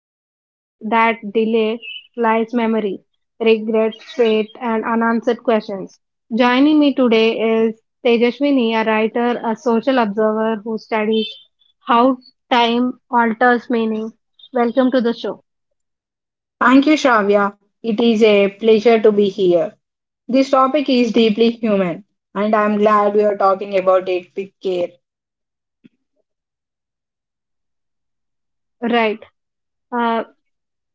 behind that delay lies memory, regret, fate, and unanswered questions. Joining me today is Tejaswini, a writer, a social observer who studies how time alters meaning. Welcome to the show. Thank you, Shravya. It is a pleasure to be here. This topic is deeply human, and I'm glad we are talking about it with care. Right. Uh,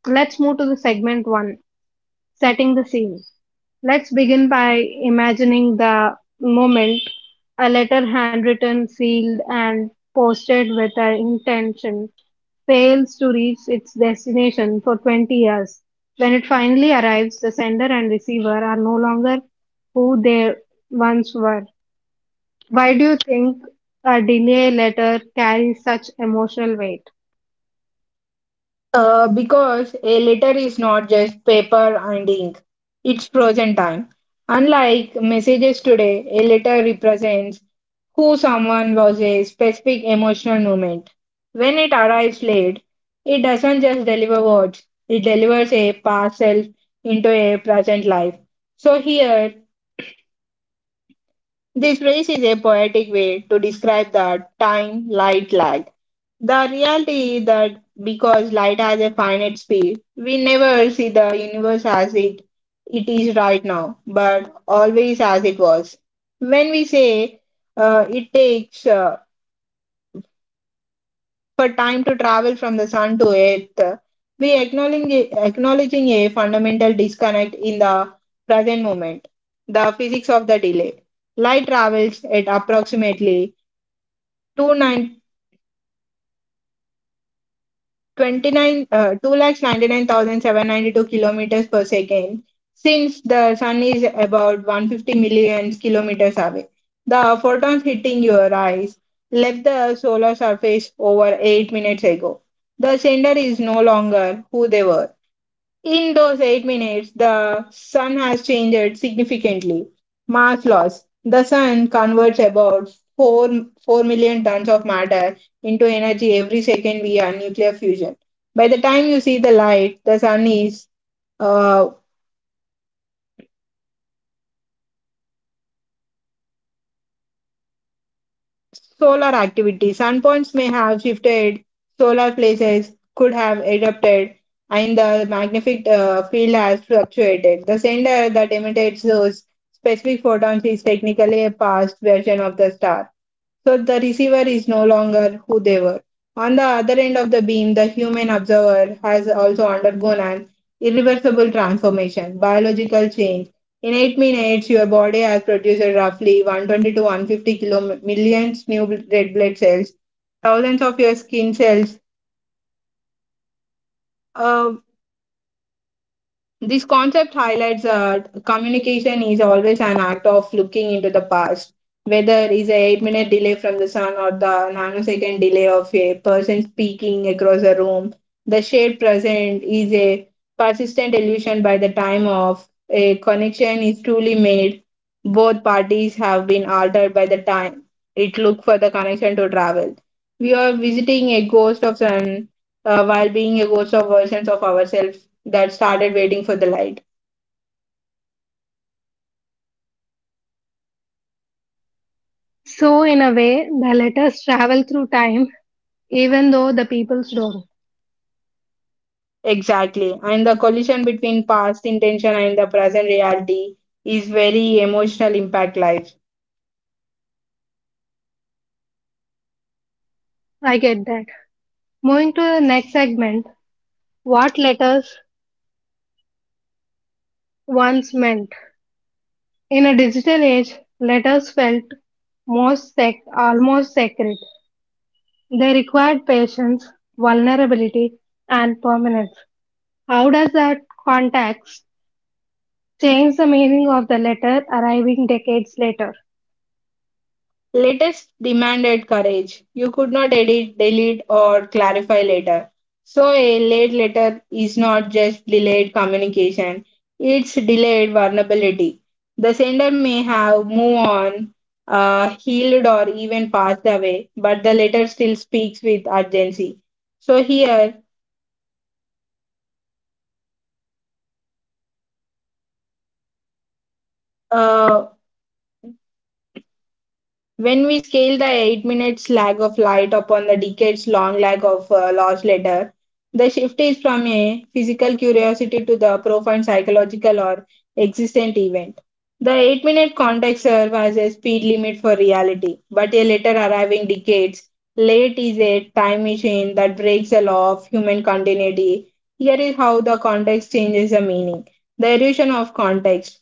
let's move to the segment one, setting the scene. Let's begin by imagining the moment a letter handwritten, sealed, and posted with an intention fails to reach its destination for 20 years. When it finally arrives, the sender and receiver are no longer who they once were. Why do you think a delay letter carries such emotional weight? Because a letter is not just paper and ink, it's frozen time. Unlike messages today, a letter represents who someone was a specific emotional moment. When it arrives late, it doesn't just deliver words, it delivers a parcel into a present life. So here, this phrase is a poetic way to describe the time light lag. The reality is that because light has a finite speed, we never see the universe as it is right now, but always as it was. When we say it takes for time to travel from the sun to earth, we acknowledging a fundamental disconnect in the present moment, the physics of the delay. Light travels at approximately two nine, nine two ninety nine thousand seven ninety two kilometers per second, since the sun is about 150 million kilometers away. The photons hitting your eyes left the solar surface over 8 minutes ago. The sender is no longer who they were. In those 8 minutes, the sun has changed significantly. Mass loss. The sun converts about 4 million tons of matter into energy every second via nuclear fusion. By the time you see the light, the sun is uh, solar activity. Sunpoints may have shifted, solar places could have erupted, and the magnetic field has fluctuated. The sender that emits those specific photons is technically a past version of the star. So the receiver is no longer who they were. On the other end of the beam, the human observer has also undergone an irreversible transformation, biological change. In 8 minutes, your body has produced roughly 120 to 150 kilo millions new red blood cells, thousands of your skin cells, a this concept highlights that communication is always an act of looking into the past, whether it's a 8 minute delay from the sun or the nanosecond delay of a person speaking across a room. The shared present is a persistent illusion by the time of a connection is truly made. Both parties have been altered by the time it looked for the connection to travel. We are visiting a ghost of an while being a ghost of versions of ourselves that started waiting for the light. So, in a way, the letters travel through time, even though the peoples don't. Exactly. And the collision between past intention and the present reality is very emotional impact life. I get that. Moving to the next segment, what letters once meant. In a digital age, letters felt almost sacred. They required patience, vulnerability, and permanence. How does that context change the meaning of the letter arriving decades later? Latest demanded courage. You could not edit, delete, or clarify later. So, a late letter is not just delayed communication, it's delayed vulnerability. The sender may have moved on, healed, or even passed away, but the letter still speaks with urgency. So, here, uh, When we scale the 8 minutes lag of light upon the decades long lag of lost letter, the shift is from a physical curiosity to the profound psychological or existent event. The 8-minute context serves as a speed limit for reality, but a letter arriving decades late is a time machine that breaks the law of human continuity. Here is how the context changes the meaning. The erosion of context.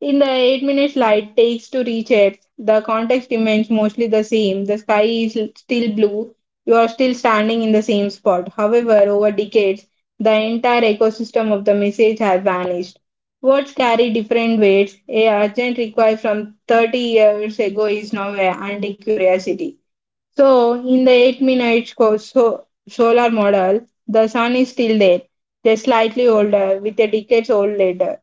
In the 8 minutes light takes to reach Earth, the context remains mostly the same. The sky is still blue. You are still standing in the same spot. However, over decades, the entire ecosystem of the message has vanished. Words carry different weights. A urgent request from 30 years ago is now a anti curiosity. So, in the 8 minutes solar model, the sun is still there, just slightly older, with a decades old later.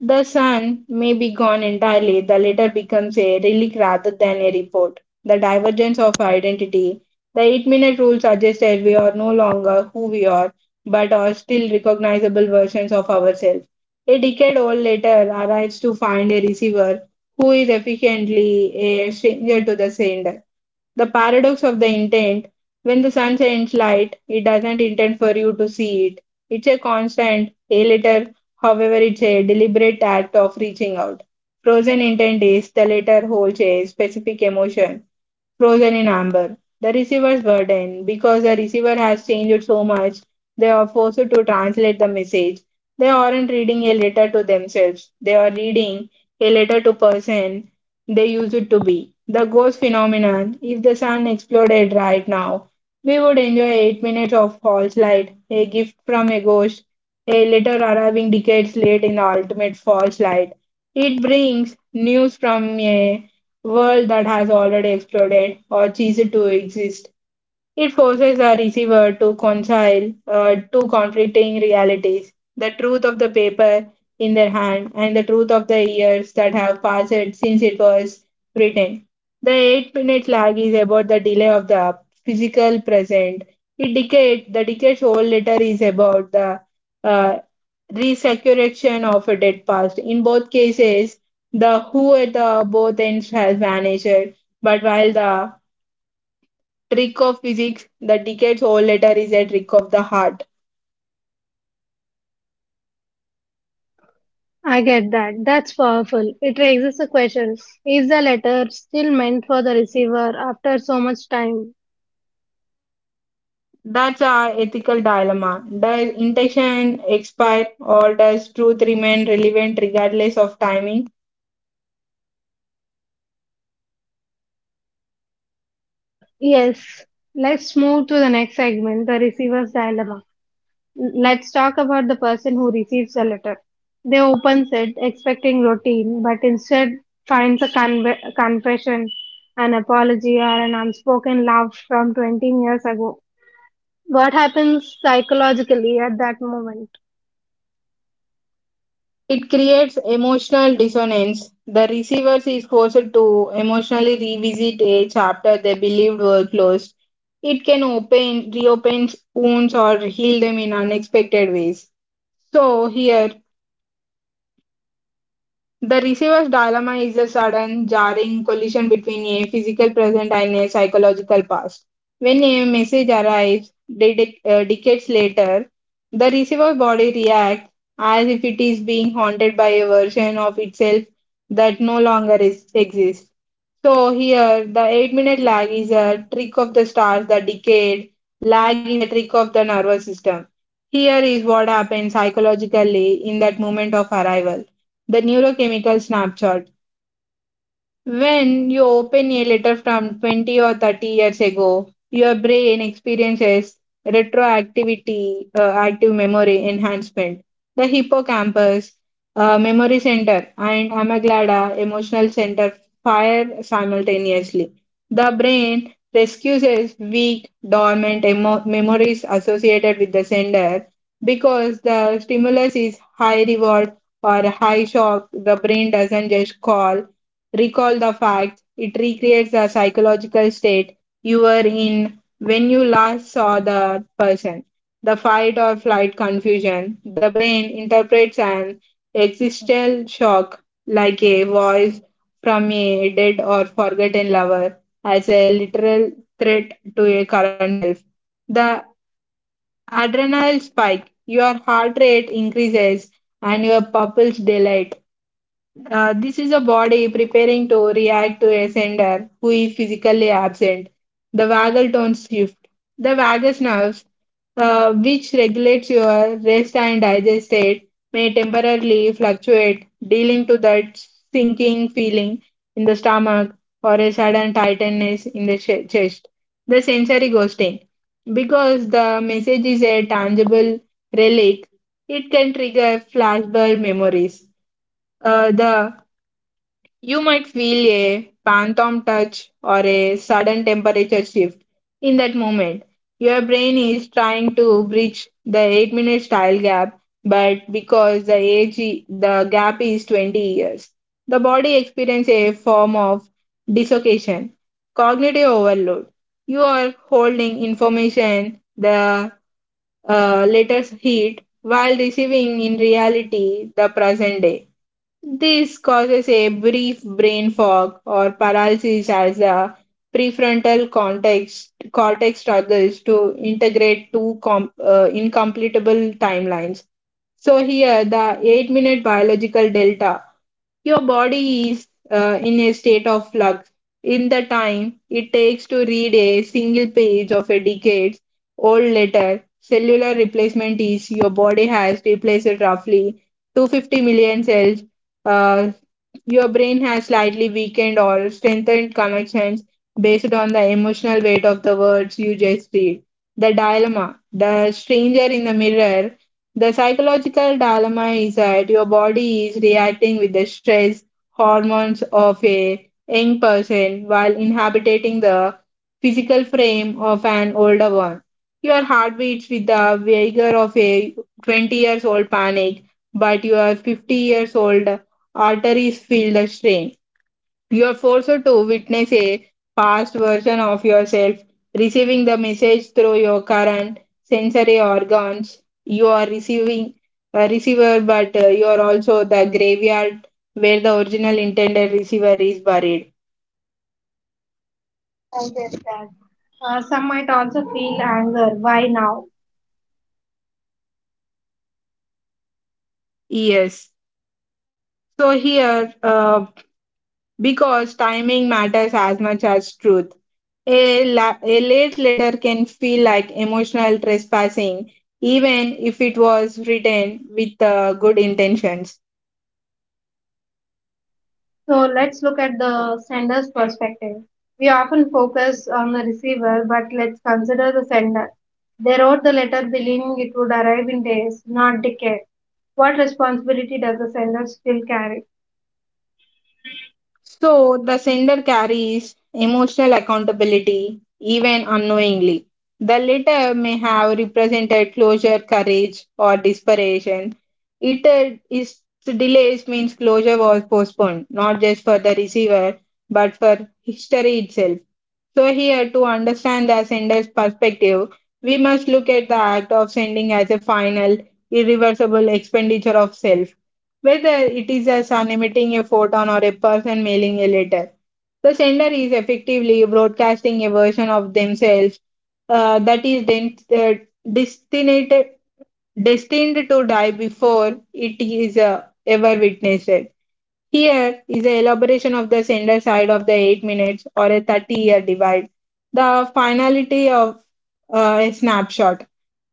The sun may be gone entirely, the letter becomes a relic rather than a report. The divergence of identity. The 8-minute rule suggests that we are no longer who we are, but are still recognizable versions of ourselves. A decade old letter arrives to find a receiver who is efficiently a stranger to the sender. The paradox of the intent when the sun sends light, it doesn't intend for you to see it. It's a constant, a letter however, it's a deliberate act of reaching out. Frozen intent is the letter holds a specific emotion frozen in amber. The receiver's burden, because the receiver has changed so much, they are forced to translate the message. They aren't reading a letter to themselves. They are reading a letter to person they used it to be. The ghost phenomenon, if the sun exploded right now, we would enjoy 8 minutes of false light, a gift from a ghost, a letter arriving decades late in the ultimate false light. It brings news from a world that has already exploded or ceased to exist. It forces a receiver to reconcile two conflicting realities the truth of the paper in their hand and the truth of the years that have passed since it was written. The 8 minute lag is about the delay of the physical present. It decade, the decade old letter is about the uh, resurrection of a dead past. In both cases, the who at the both ends has vanished, but while the trick of physics, the decades old letter is a trick of the heart. I get that. That's powerful. It raises a question. Is the letter still meant for the receiver after so much time? That's our ethical dilemma. Does intention expire or does truth remain relevant regardless of timing? Yes. Let's move to the next segment, the receiver's dilemma. Let's talk about the person who receives the letter. They opens it expecting routine, but instead finds a conve confession, an apology, or an unspoken love from 20 years ago. What happens psychologically at that moment? It creates emotional dissonance. The receiver is forced to emotionally revisit a chapter they believed were closed. It can open, reopen wounds or heal them in unexpected ways. So, here the receiver's dilemma is a sudden, jarring collision between a physical present and a psychological past. When a message arrives decades later, the receiver's body reacts as if it is being haunted by a version of itself that no longer exists. So, here the 8-minute lag is a trick of the stars, the decade lag is a trick of the nervous system. Here is what happens psychologically in that moment of arrival. The neurochemical snapshot. When you open a letter from 20 or 30 years ago, your brain experiences retroactivity, active memory enhancement. The hippocampus, memory center, and amygdala, emotional center, fire simultaneously. The brain rescues weak, dormant memories associated with the sender because the stimulus is high reward or high shock. The brain doesn't just call recall the facts. It recreates the psychological state you were in when you last saw the person. The fight or flight confusion. The brain interprets an existential shock like a voice from a dead or forgotten lover as a literal threat to a current self. The adrenal spike, your heart rate increases and your pupils dilate. This is a body preparing to react to a sender who is physically absent. The vagal tone shift. The vagus nerves, which regulates your rest and digest state, may temporarily fluctuate, dealing to that sinking feeling in the stomach or a sudden tightness in the chest. The sensory ghosting. Because the message is a tangible relic, it can trigger flashbulb memories. The You might feel a phantom touch or a sudden temperature shift. In that moment, your brain is trying to bridge the 8-minute style gap, but because the age the gap is 20 years, the body experiences a form of dislocation, cognitive overload. You are holding information the latest heat while receiving in reality the present day. This causes a brief brain fog or paralysis as the prefrontal cortex struggles to integrate incompletable timelines. So, here the 8-minute biological delta. Your body is in a state of flux in the time it takes to read a single page of a decades old letter. Cellular replacement is your body has replaced roughly 250 million cells uh, your brain has slightly weakened or strengthened connections based on the emotional weight of the words you just read. The dilemma, the stranger in the mirror, the psychological dilemma is that your body is reacting with the stress hormones of a young person while inhabiting the physical frame of an older one. Your heart beats with the vigor of a 20 years old panic, but you are 50 years old arteries feel the strain. You are forced to witness a past version of yourself, receiving the message through your current sensory organs. You are receiving a receiver, but you are also the graveyard where the original intended receiver is buried. I get that. Some might also feel anger. Why now? Yes. So here, because timing matters as much as truth. A late letter can feel like emotional trespassing, even if it was written with good intentions. So let's look at the sender's perspective. We often focus on the receiver, but let's consider the sender. They wrote the letter believing it would arrive in days, not decades. What responsibility does the sender still carry? So the sender carries emotional accountability even unknowingly. The letter may have represented closure, courage, or desperation. It is delays means closure was postponed, not just for the receiver, but for history itself. So here, to understand the sender's perspective, we must look at the act of sending as a final, irreversible expenditure of self, whether it is a sun emitting a photon or a person mailing a letter. The sender is effectively broadcasting a version of themselves that is then, destined, destined to die before it is ever witnessed. Here is the elaboration of the sender side of the 8 minutes or a 30-year divide. The finality of a snapshot.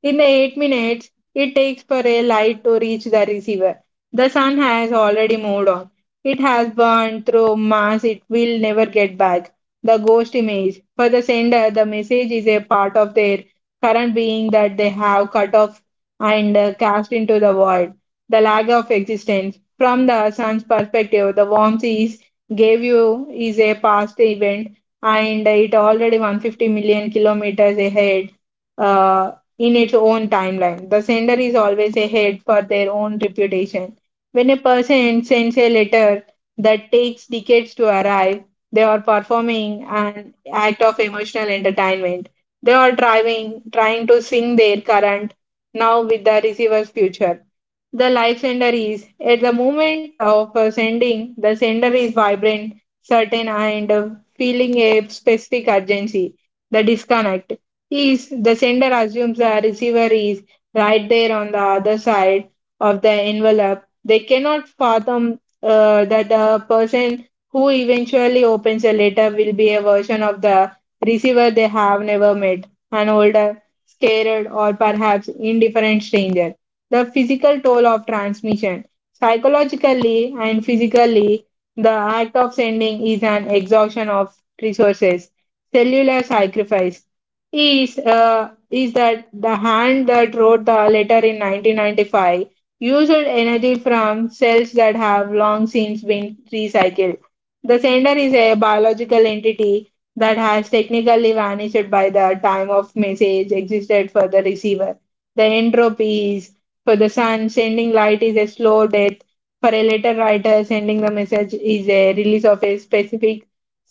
In the 8 minutes, it takes for a light to reach the receiver. The sun has already moved on. It has burned through mass it will never get back. The ghost image. For the sender, the message is a part of their current being that they have cut off and cast into the void, the lack of existence. From the sun's perspective, the warmth is gave you is a past event, and it already 150 million kilometers ahead uh, in its own timeline. The sender is always ahead for their own reputation. When a person sends a letter that takes decades to arrive, they are performing an act of emotional entertainment. They are driving, trying to sing their current now with the receiver's future. The live sender is at the moment of sending, the sender is vibrant, certain, and feeling a specific urgency. The disconnect is the sender assumes the receiver is right there on the other side of the envelope. They cannot fathom that the person who eventually opens a letter will be a version of the receiver they have never met, an older, scared, or perhaps indifferent stranger, the physical toll of transmission. Psychologically and physically, the act of sending is an exhaustion of resources. Cellular sacrifice is that the hand that wrote the letter in 1995 used energy from cells that have long since been recycled. The sender is a biological entity that has technically vanished by the time of message existed for the receiver. The entropy is, for the sun, sending light is a slow death. For a letter writer, sending the message is a release of a specific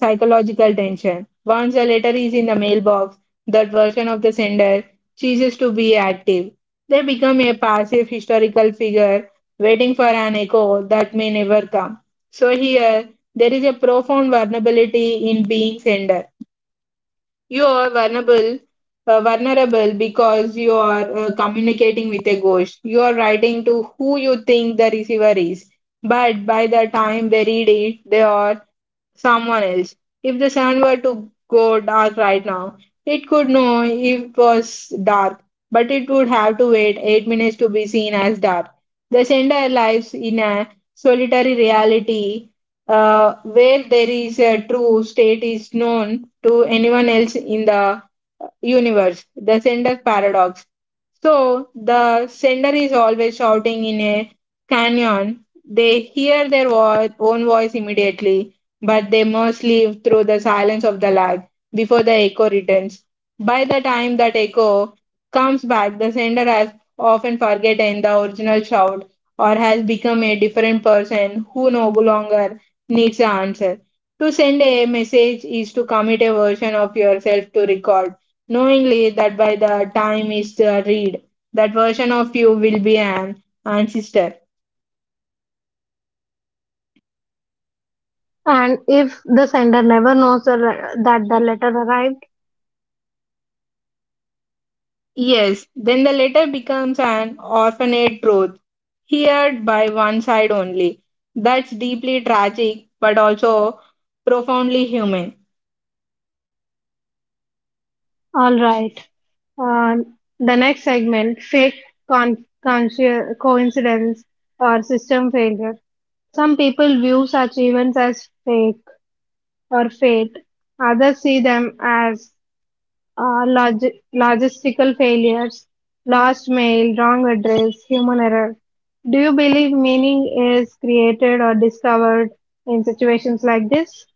psychological tension. Once a letter is in the mailbox, that version of the sender ceases to be active. They become a passive historical figure waiting for an echo that may never come. So here, there is a profound vulnerability in being sender. You are vulnerable because you are communicating with a ghost. You are writing to who you think the receiver is, but by the time they read it, they are someone else. If the sun were to go dark right now, it could know it was dark, but it would have to wait 8 minutes to be seen as dark. They send our lives in a solitary reality where there is a true state is known to anyone else in the universe. The sender's paradox. So the sender is always shouting in a canyon. They hear their own voice immediately, but they must live through the silence of the lag before the echo returns. By the time that echo comes back, the sender has often forgotten the original shout, or has become a different person who no longer needs an answer. To send a message is to commit a version of yourself to record, knowingly that by the time is read, that version of you will be an ancestor. And if the sender never knows that the letter arrived, Yes, then the letter becomes an orphaned truth, heard by one side only. That's deeply tragic, but also profoundly human. all right. Uh, the next segment, coincidence or system failure. Some people view such events as fake or fate, others see them as uh, log- logistical failures, lost mail, wrong address, human error. Do you believe meaning is created or discovered in situations like this?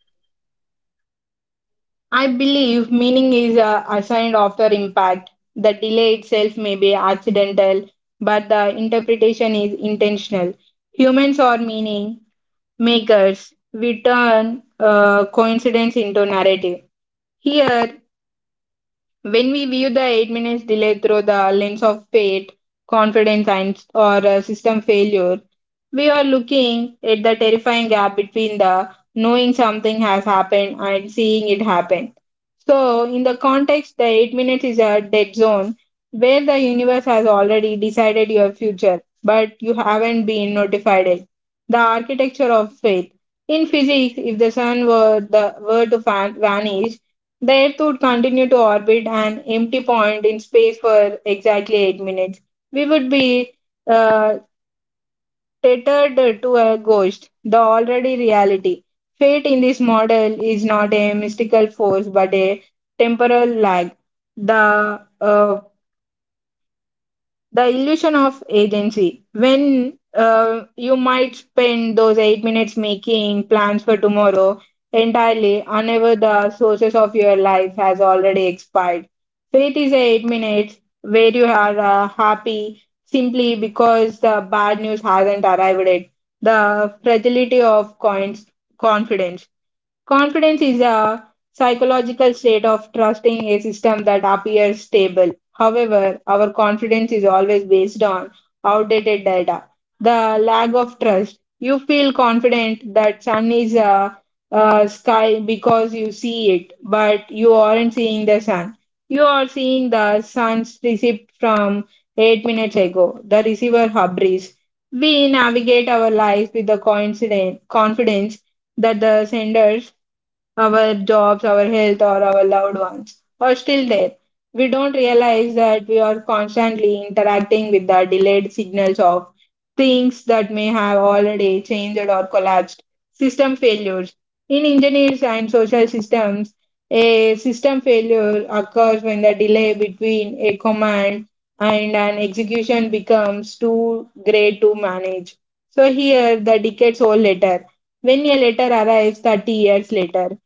I believe meaning is assigned after impact. The delay itself may be accidental, but the interpretation is intentional. Humans are meaning makers, we turn coincidence into narrative. Here, when we view the 8 minutes delay through the lens of fate, confidence, and or system failure, we are looking at the terrifying gap between the knowing something has happened and seeing it happen. So, in the context, the 8 minutes is a dead zone where the universe has already decided your future, but you haven't been notified it. The architecture of faith. In physics, if the sun were the were to vanish, the Earth would continue to orbit an empty point in space for exactly 8 minutes. We would be uh, tethered to a ghost, the already reality. Fate in this model is not a mystical force but a temporal lag. The uh, the illusion of agency when you might spend those 8 minutes making plans for tomorrow, entirely whenever the sources of your life has already expired. Faith is 8 minutes where you are happy simply because the bad news hasn't arrived yet. The fragility of coins, confidence. Confidence is a psychological state of trusting a system that appears stable. However, our confidence is always based on outdated data. The lack of trust. You feel confident that sun is a sky because you see it, but you aren't seeing the sun. You are seeing the sun's receipt from 8 minutes ago. The receiver hubris. We navigate our lives with the coincident confidence that the senders, our jobs, our health, or our loved ones, or still there. We don't realize that we are constantly interacting with the delayed signals of things that may have already changed or collapsed. System failures. In engineers and social systems, a system failure occurs when the delay between a command and an execution becomes too great to manage. So here, the decades old letter. When a letter arrives 30 years later,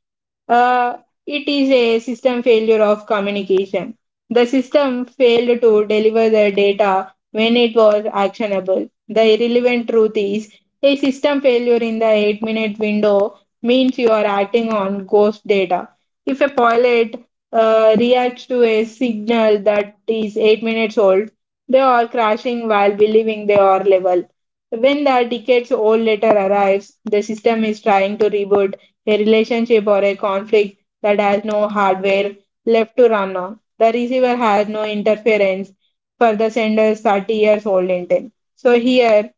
uh, it is a system failure of communication. The system failed to deliver the data when it was actionable. The irrelevant truth is a system failure in the 8-minute window means you are acting on ghost data. If a pilot reacts to a signal that is 8 minutes old, they are crashing while believing they are level. When the decades old letter arrives, the system is trying to reboot a relationship or a conflict that has no hardware left to run on. The receiver has no interference for the sender's 30 years old intent. So here,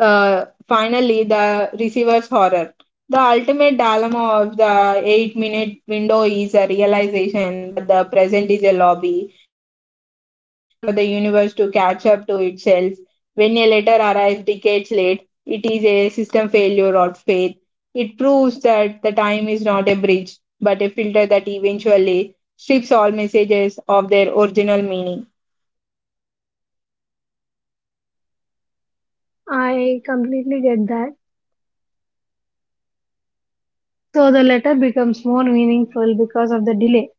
finally, the receiver's horror. The ultimate dilemma of the 8-minute window is a realization that the present is a lobby. We are always waiting for the universe to catch up to itself. When a letter arrives decades late, it is a system failure or faith. It proves that the time is not a bridge, but a filter that eventually strips all messages of their original meaning. I completely get that. So the letter becomes more meaningful because of the delay.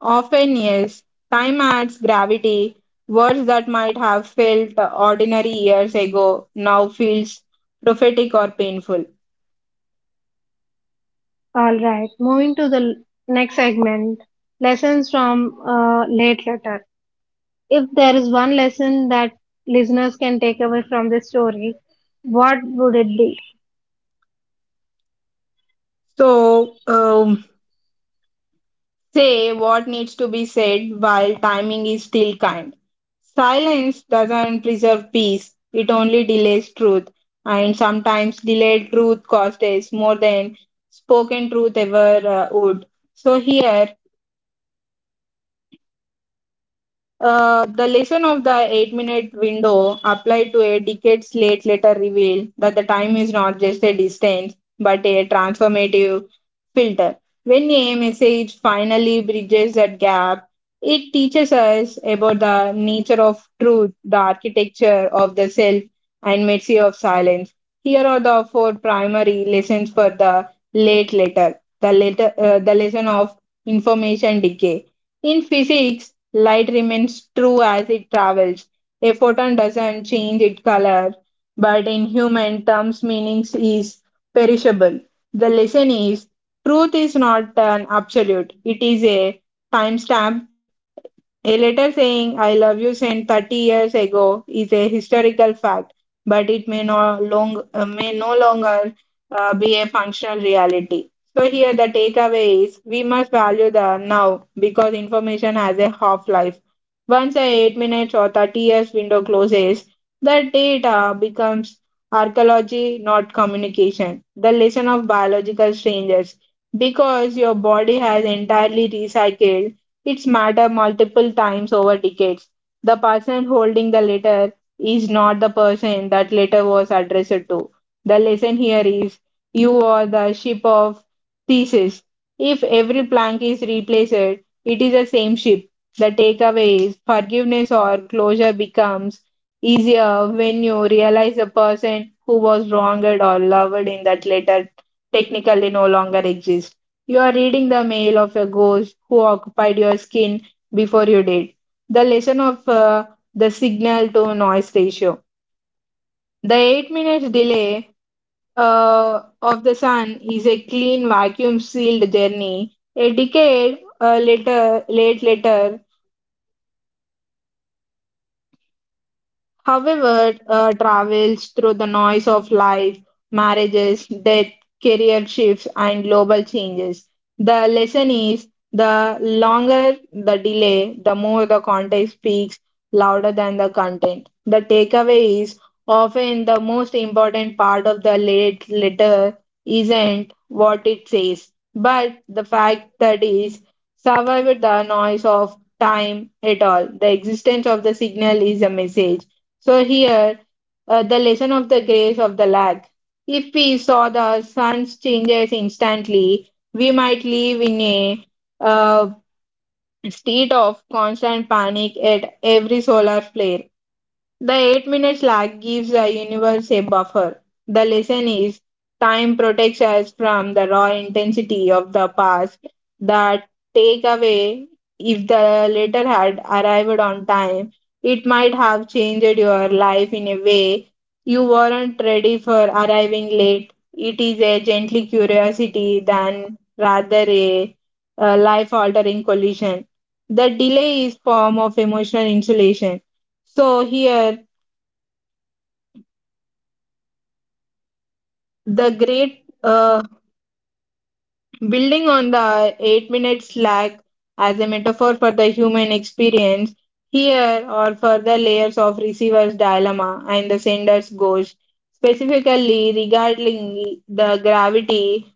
Often, yes. Time adds gravity. Words that might have felt ordinary years ago now feels prophetic or painful. All right, moving to the next segment, lessons from late letter. If there is one lesson that listeners can take away from this story, what would it be? So, say what needs to be said while timing is still kind. Silence doesn't preserve peace, it only delays truth. And sometimes delayed truth costs us more than spoken truth ever would. So, here. The lesson of the 8 minute window applied to a decades late letter revealed that the time is not just a distance but a transformative filter. When a message finally bridges that gap, it teaches us about the nature of truth, the architecture of the self, and mercy of silence. Here are the four primary lessons for the late letter. The, letter, the lesson of information decay. In physics, light remains true as it travels. A photon doesn't change its color, but in human terms, meaning is perishable. The lesson is truth is not an absolute, it is a timestamp. A letter saying I love you sent 30 years ago is a historical fact, but it may no longer be a functional reality. So, here the takeaway is we must value the now because information has a half life. Once a 8 minutes or 30 years window closes, the data becomes archaeology, not communication. The lesson of biological strangers, because your body has entirely recycled it's matter multiple times over decades. The person holding the letter is not the person that letter was addressed to. The lesson here is you are the ship of thesis. If every plank is replaced, it is the same ship. The takeaway is forgiveness or closure becomes easier when you realize the person who was wronged or loved in that letter technically no longer exists. You are reading the mail of a ghost who occupied your skin before you did. The lesson of the signal to noise ratio. The 8-minute delay of the sun is a clean vacuum sealed journey. A decade later, however, travels through the noise of life, marriages, death, career shifts, and global changes. The lesson is the longer the delay, the more the context speaks louder than the content. The takeaway is often the most important part of the late letter isn't what it says, but the fact that is survived the noise of time at all. The existence of the signal is a message. So here, the lesson of the grace of the lag. If we saw the sun's changes instantly, we might live in a uh, state of constant panic at every solar flare. The 8 minutes lag gives the universe a buffer. The lesson is time protects us from the raw intensity of the past. That take away, if the letter had arrived on time, it might have changed your life in a way you weren't ready for. Arriving late, it is a gently curiosity than rather a life altering collision. The delay is form of emotional insulation. So here, the great building on the 8 minute slack as a metaphor for the human experience, here or further layers of receiver's dilemma and the sender's ghost, specifically regarding the gravity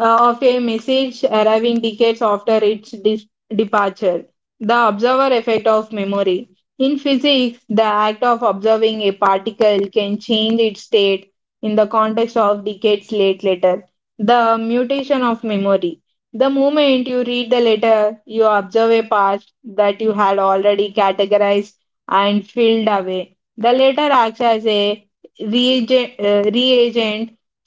of a message arriving decades after its departure. The observer effect of memory. In physics, the act of observing a particle can change its state in the context of decades late letter. The mutation of memory. The moment you read the letter, you observe a past that you had already categorized and filled away. The letter acts as a reagent,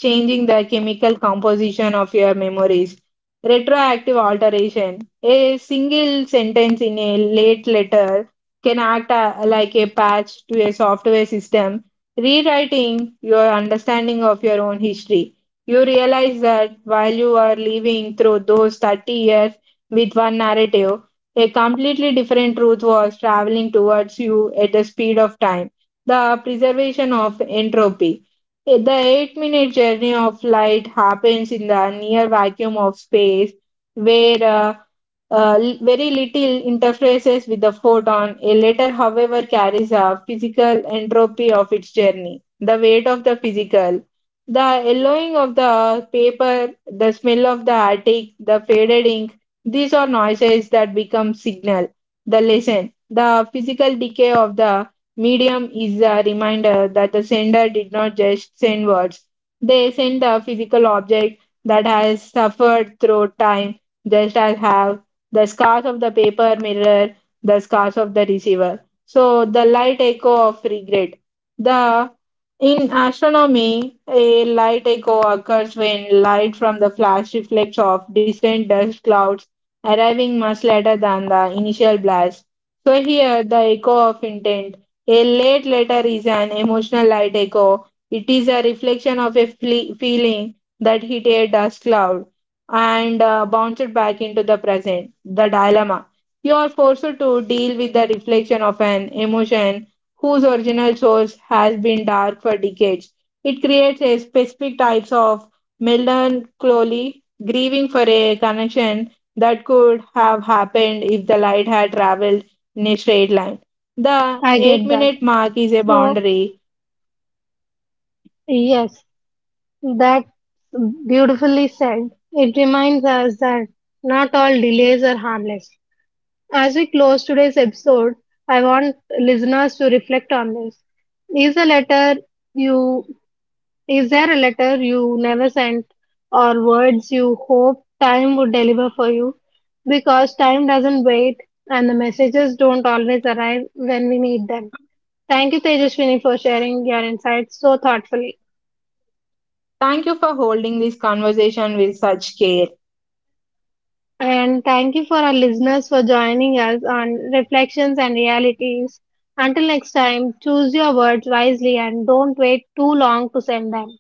changing the chemical composition of your memories. Retroactive alteration. A single sentence in a late letter can like a patch to a software system, rewriting your understanding of your own history. You realize that while you are living through those 30 years with one narrative, a completely different truth was traveling towards you at the speed of time. The preservation of entropy. The eight-minute journey of light happens in the near vacuum of space, where very little interfaces with the photon. A letter, however, carries a physical entropy of its journey, the weight of the physical, the yellowing of the paper, the smell of the attic, the faded ink. These are noises that become signal. The lesson, the physical decay of the medium is a reminder that the sender did not just send words, they sent a physical object that has suffered through time, just as have the scars of the paper mirror, the scars of the receiver. So, the light echo of regret. The in astronomy, a light echo occurs when light from the flash reflects off distant dust clouds, arriving much later than the initial blast. So here, the echo of intent, a late letter is an emotional light echo. It is a reflection of a feeling that hit a dust cloud and bounced back into the present. The dilemma. You are forced to deal with the reflection of an emotion whose original source has been dark for decades. It creates a specific types of melancholy, grieving for a connection that could have happened if the light had traveled in a straight line. The I get eight that. minute mark is a So, boundary. yes, that beautifully said. It reminds us that not all delays are harmless. As we close today's episode, I want listeners to reflect on this. Is the letter you Is there a letter you never sent or words you hope time would deliver for you? Because time doesn't wait and the messages don't always arrive when we need them. Thank you, Tejaswini, for sharing your insights so thoughtfully. Thank you for holding this conversation with such care. And thank you for our listeners for joining us on Reflections and Realities. Until next time, choose your words wisely and don't wait too long to send them.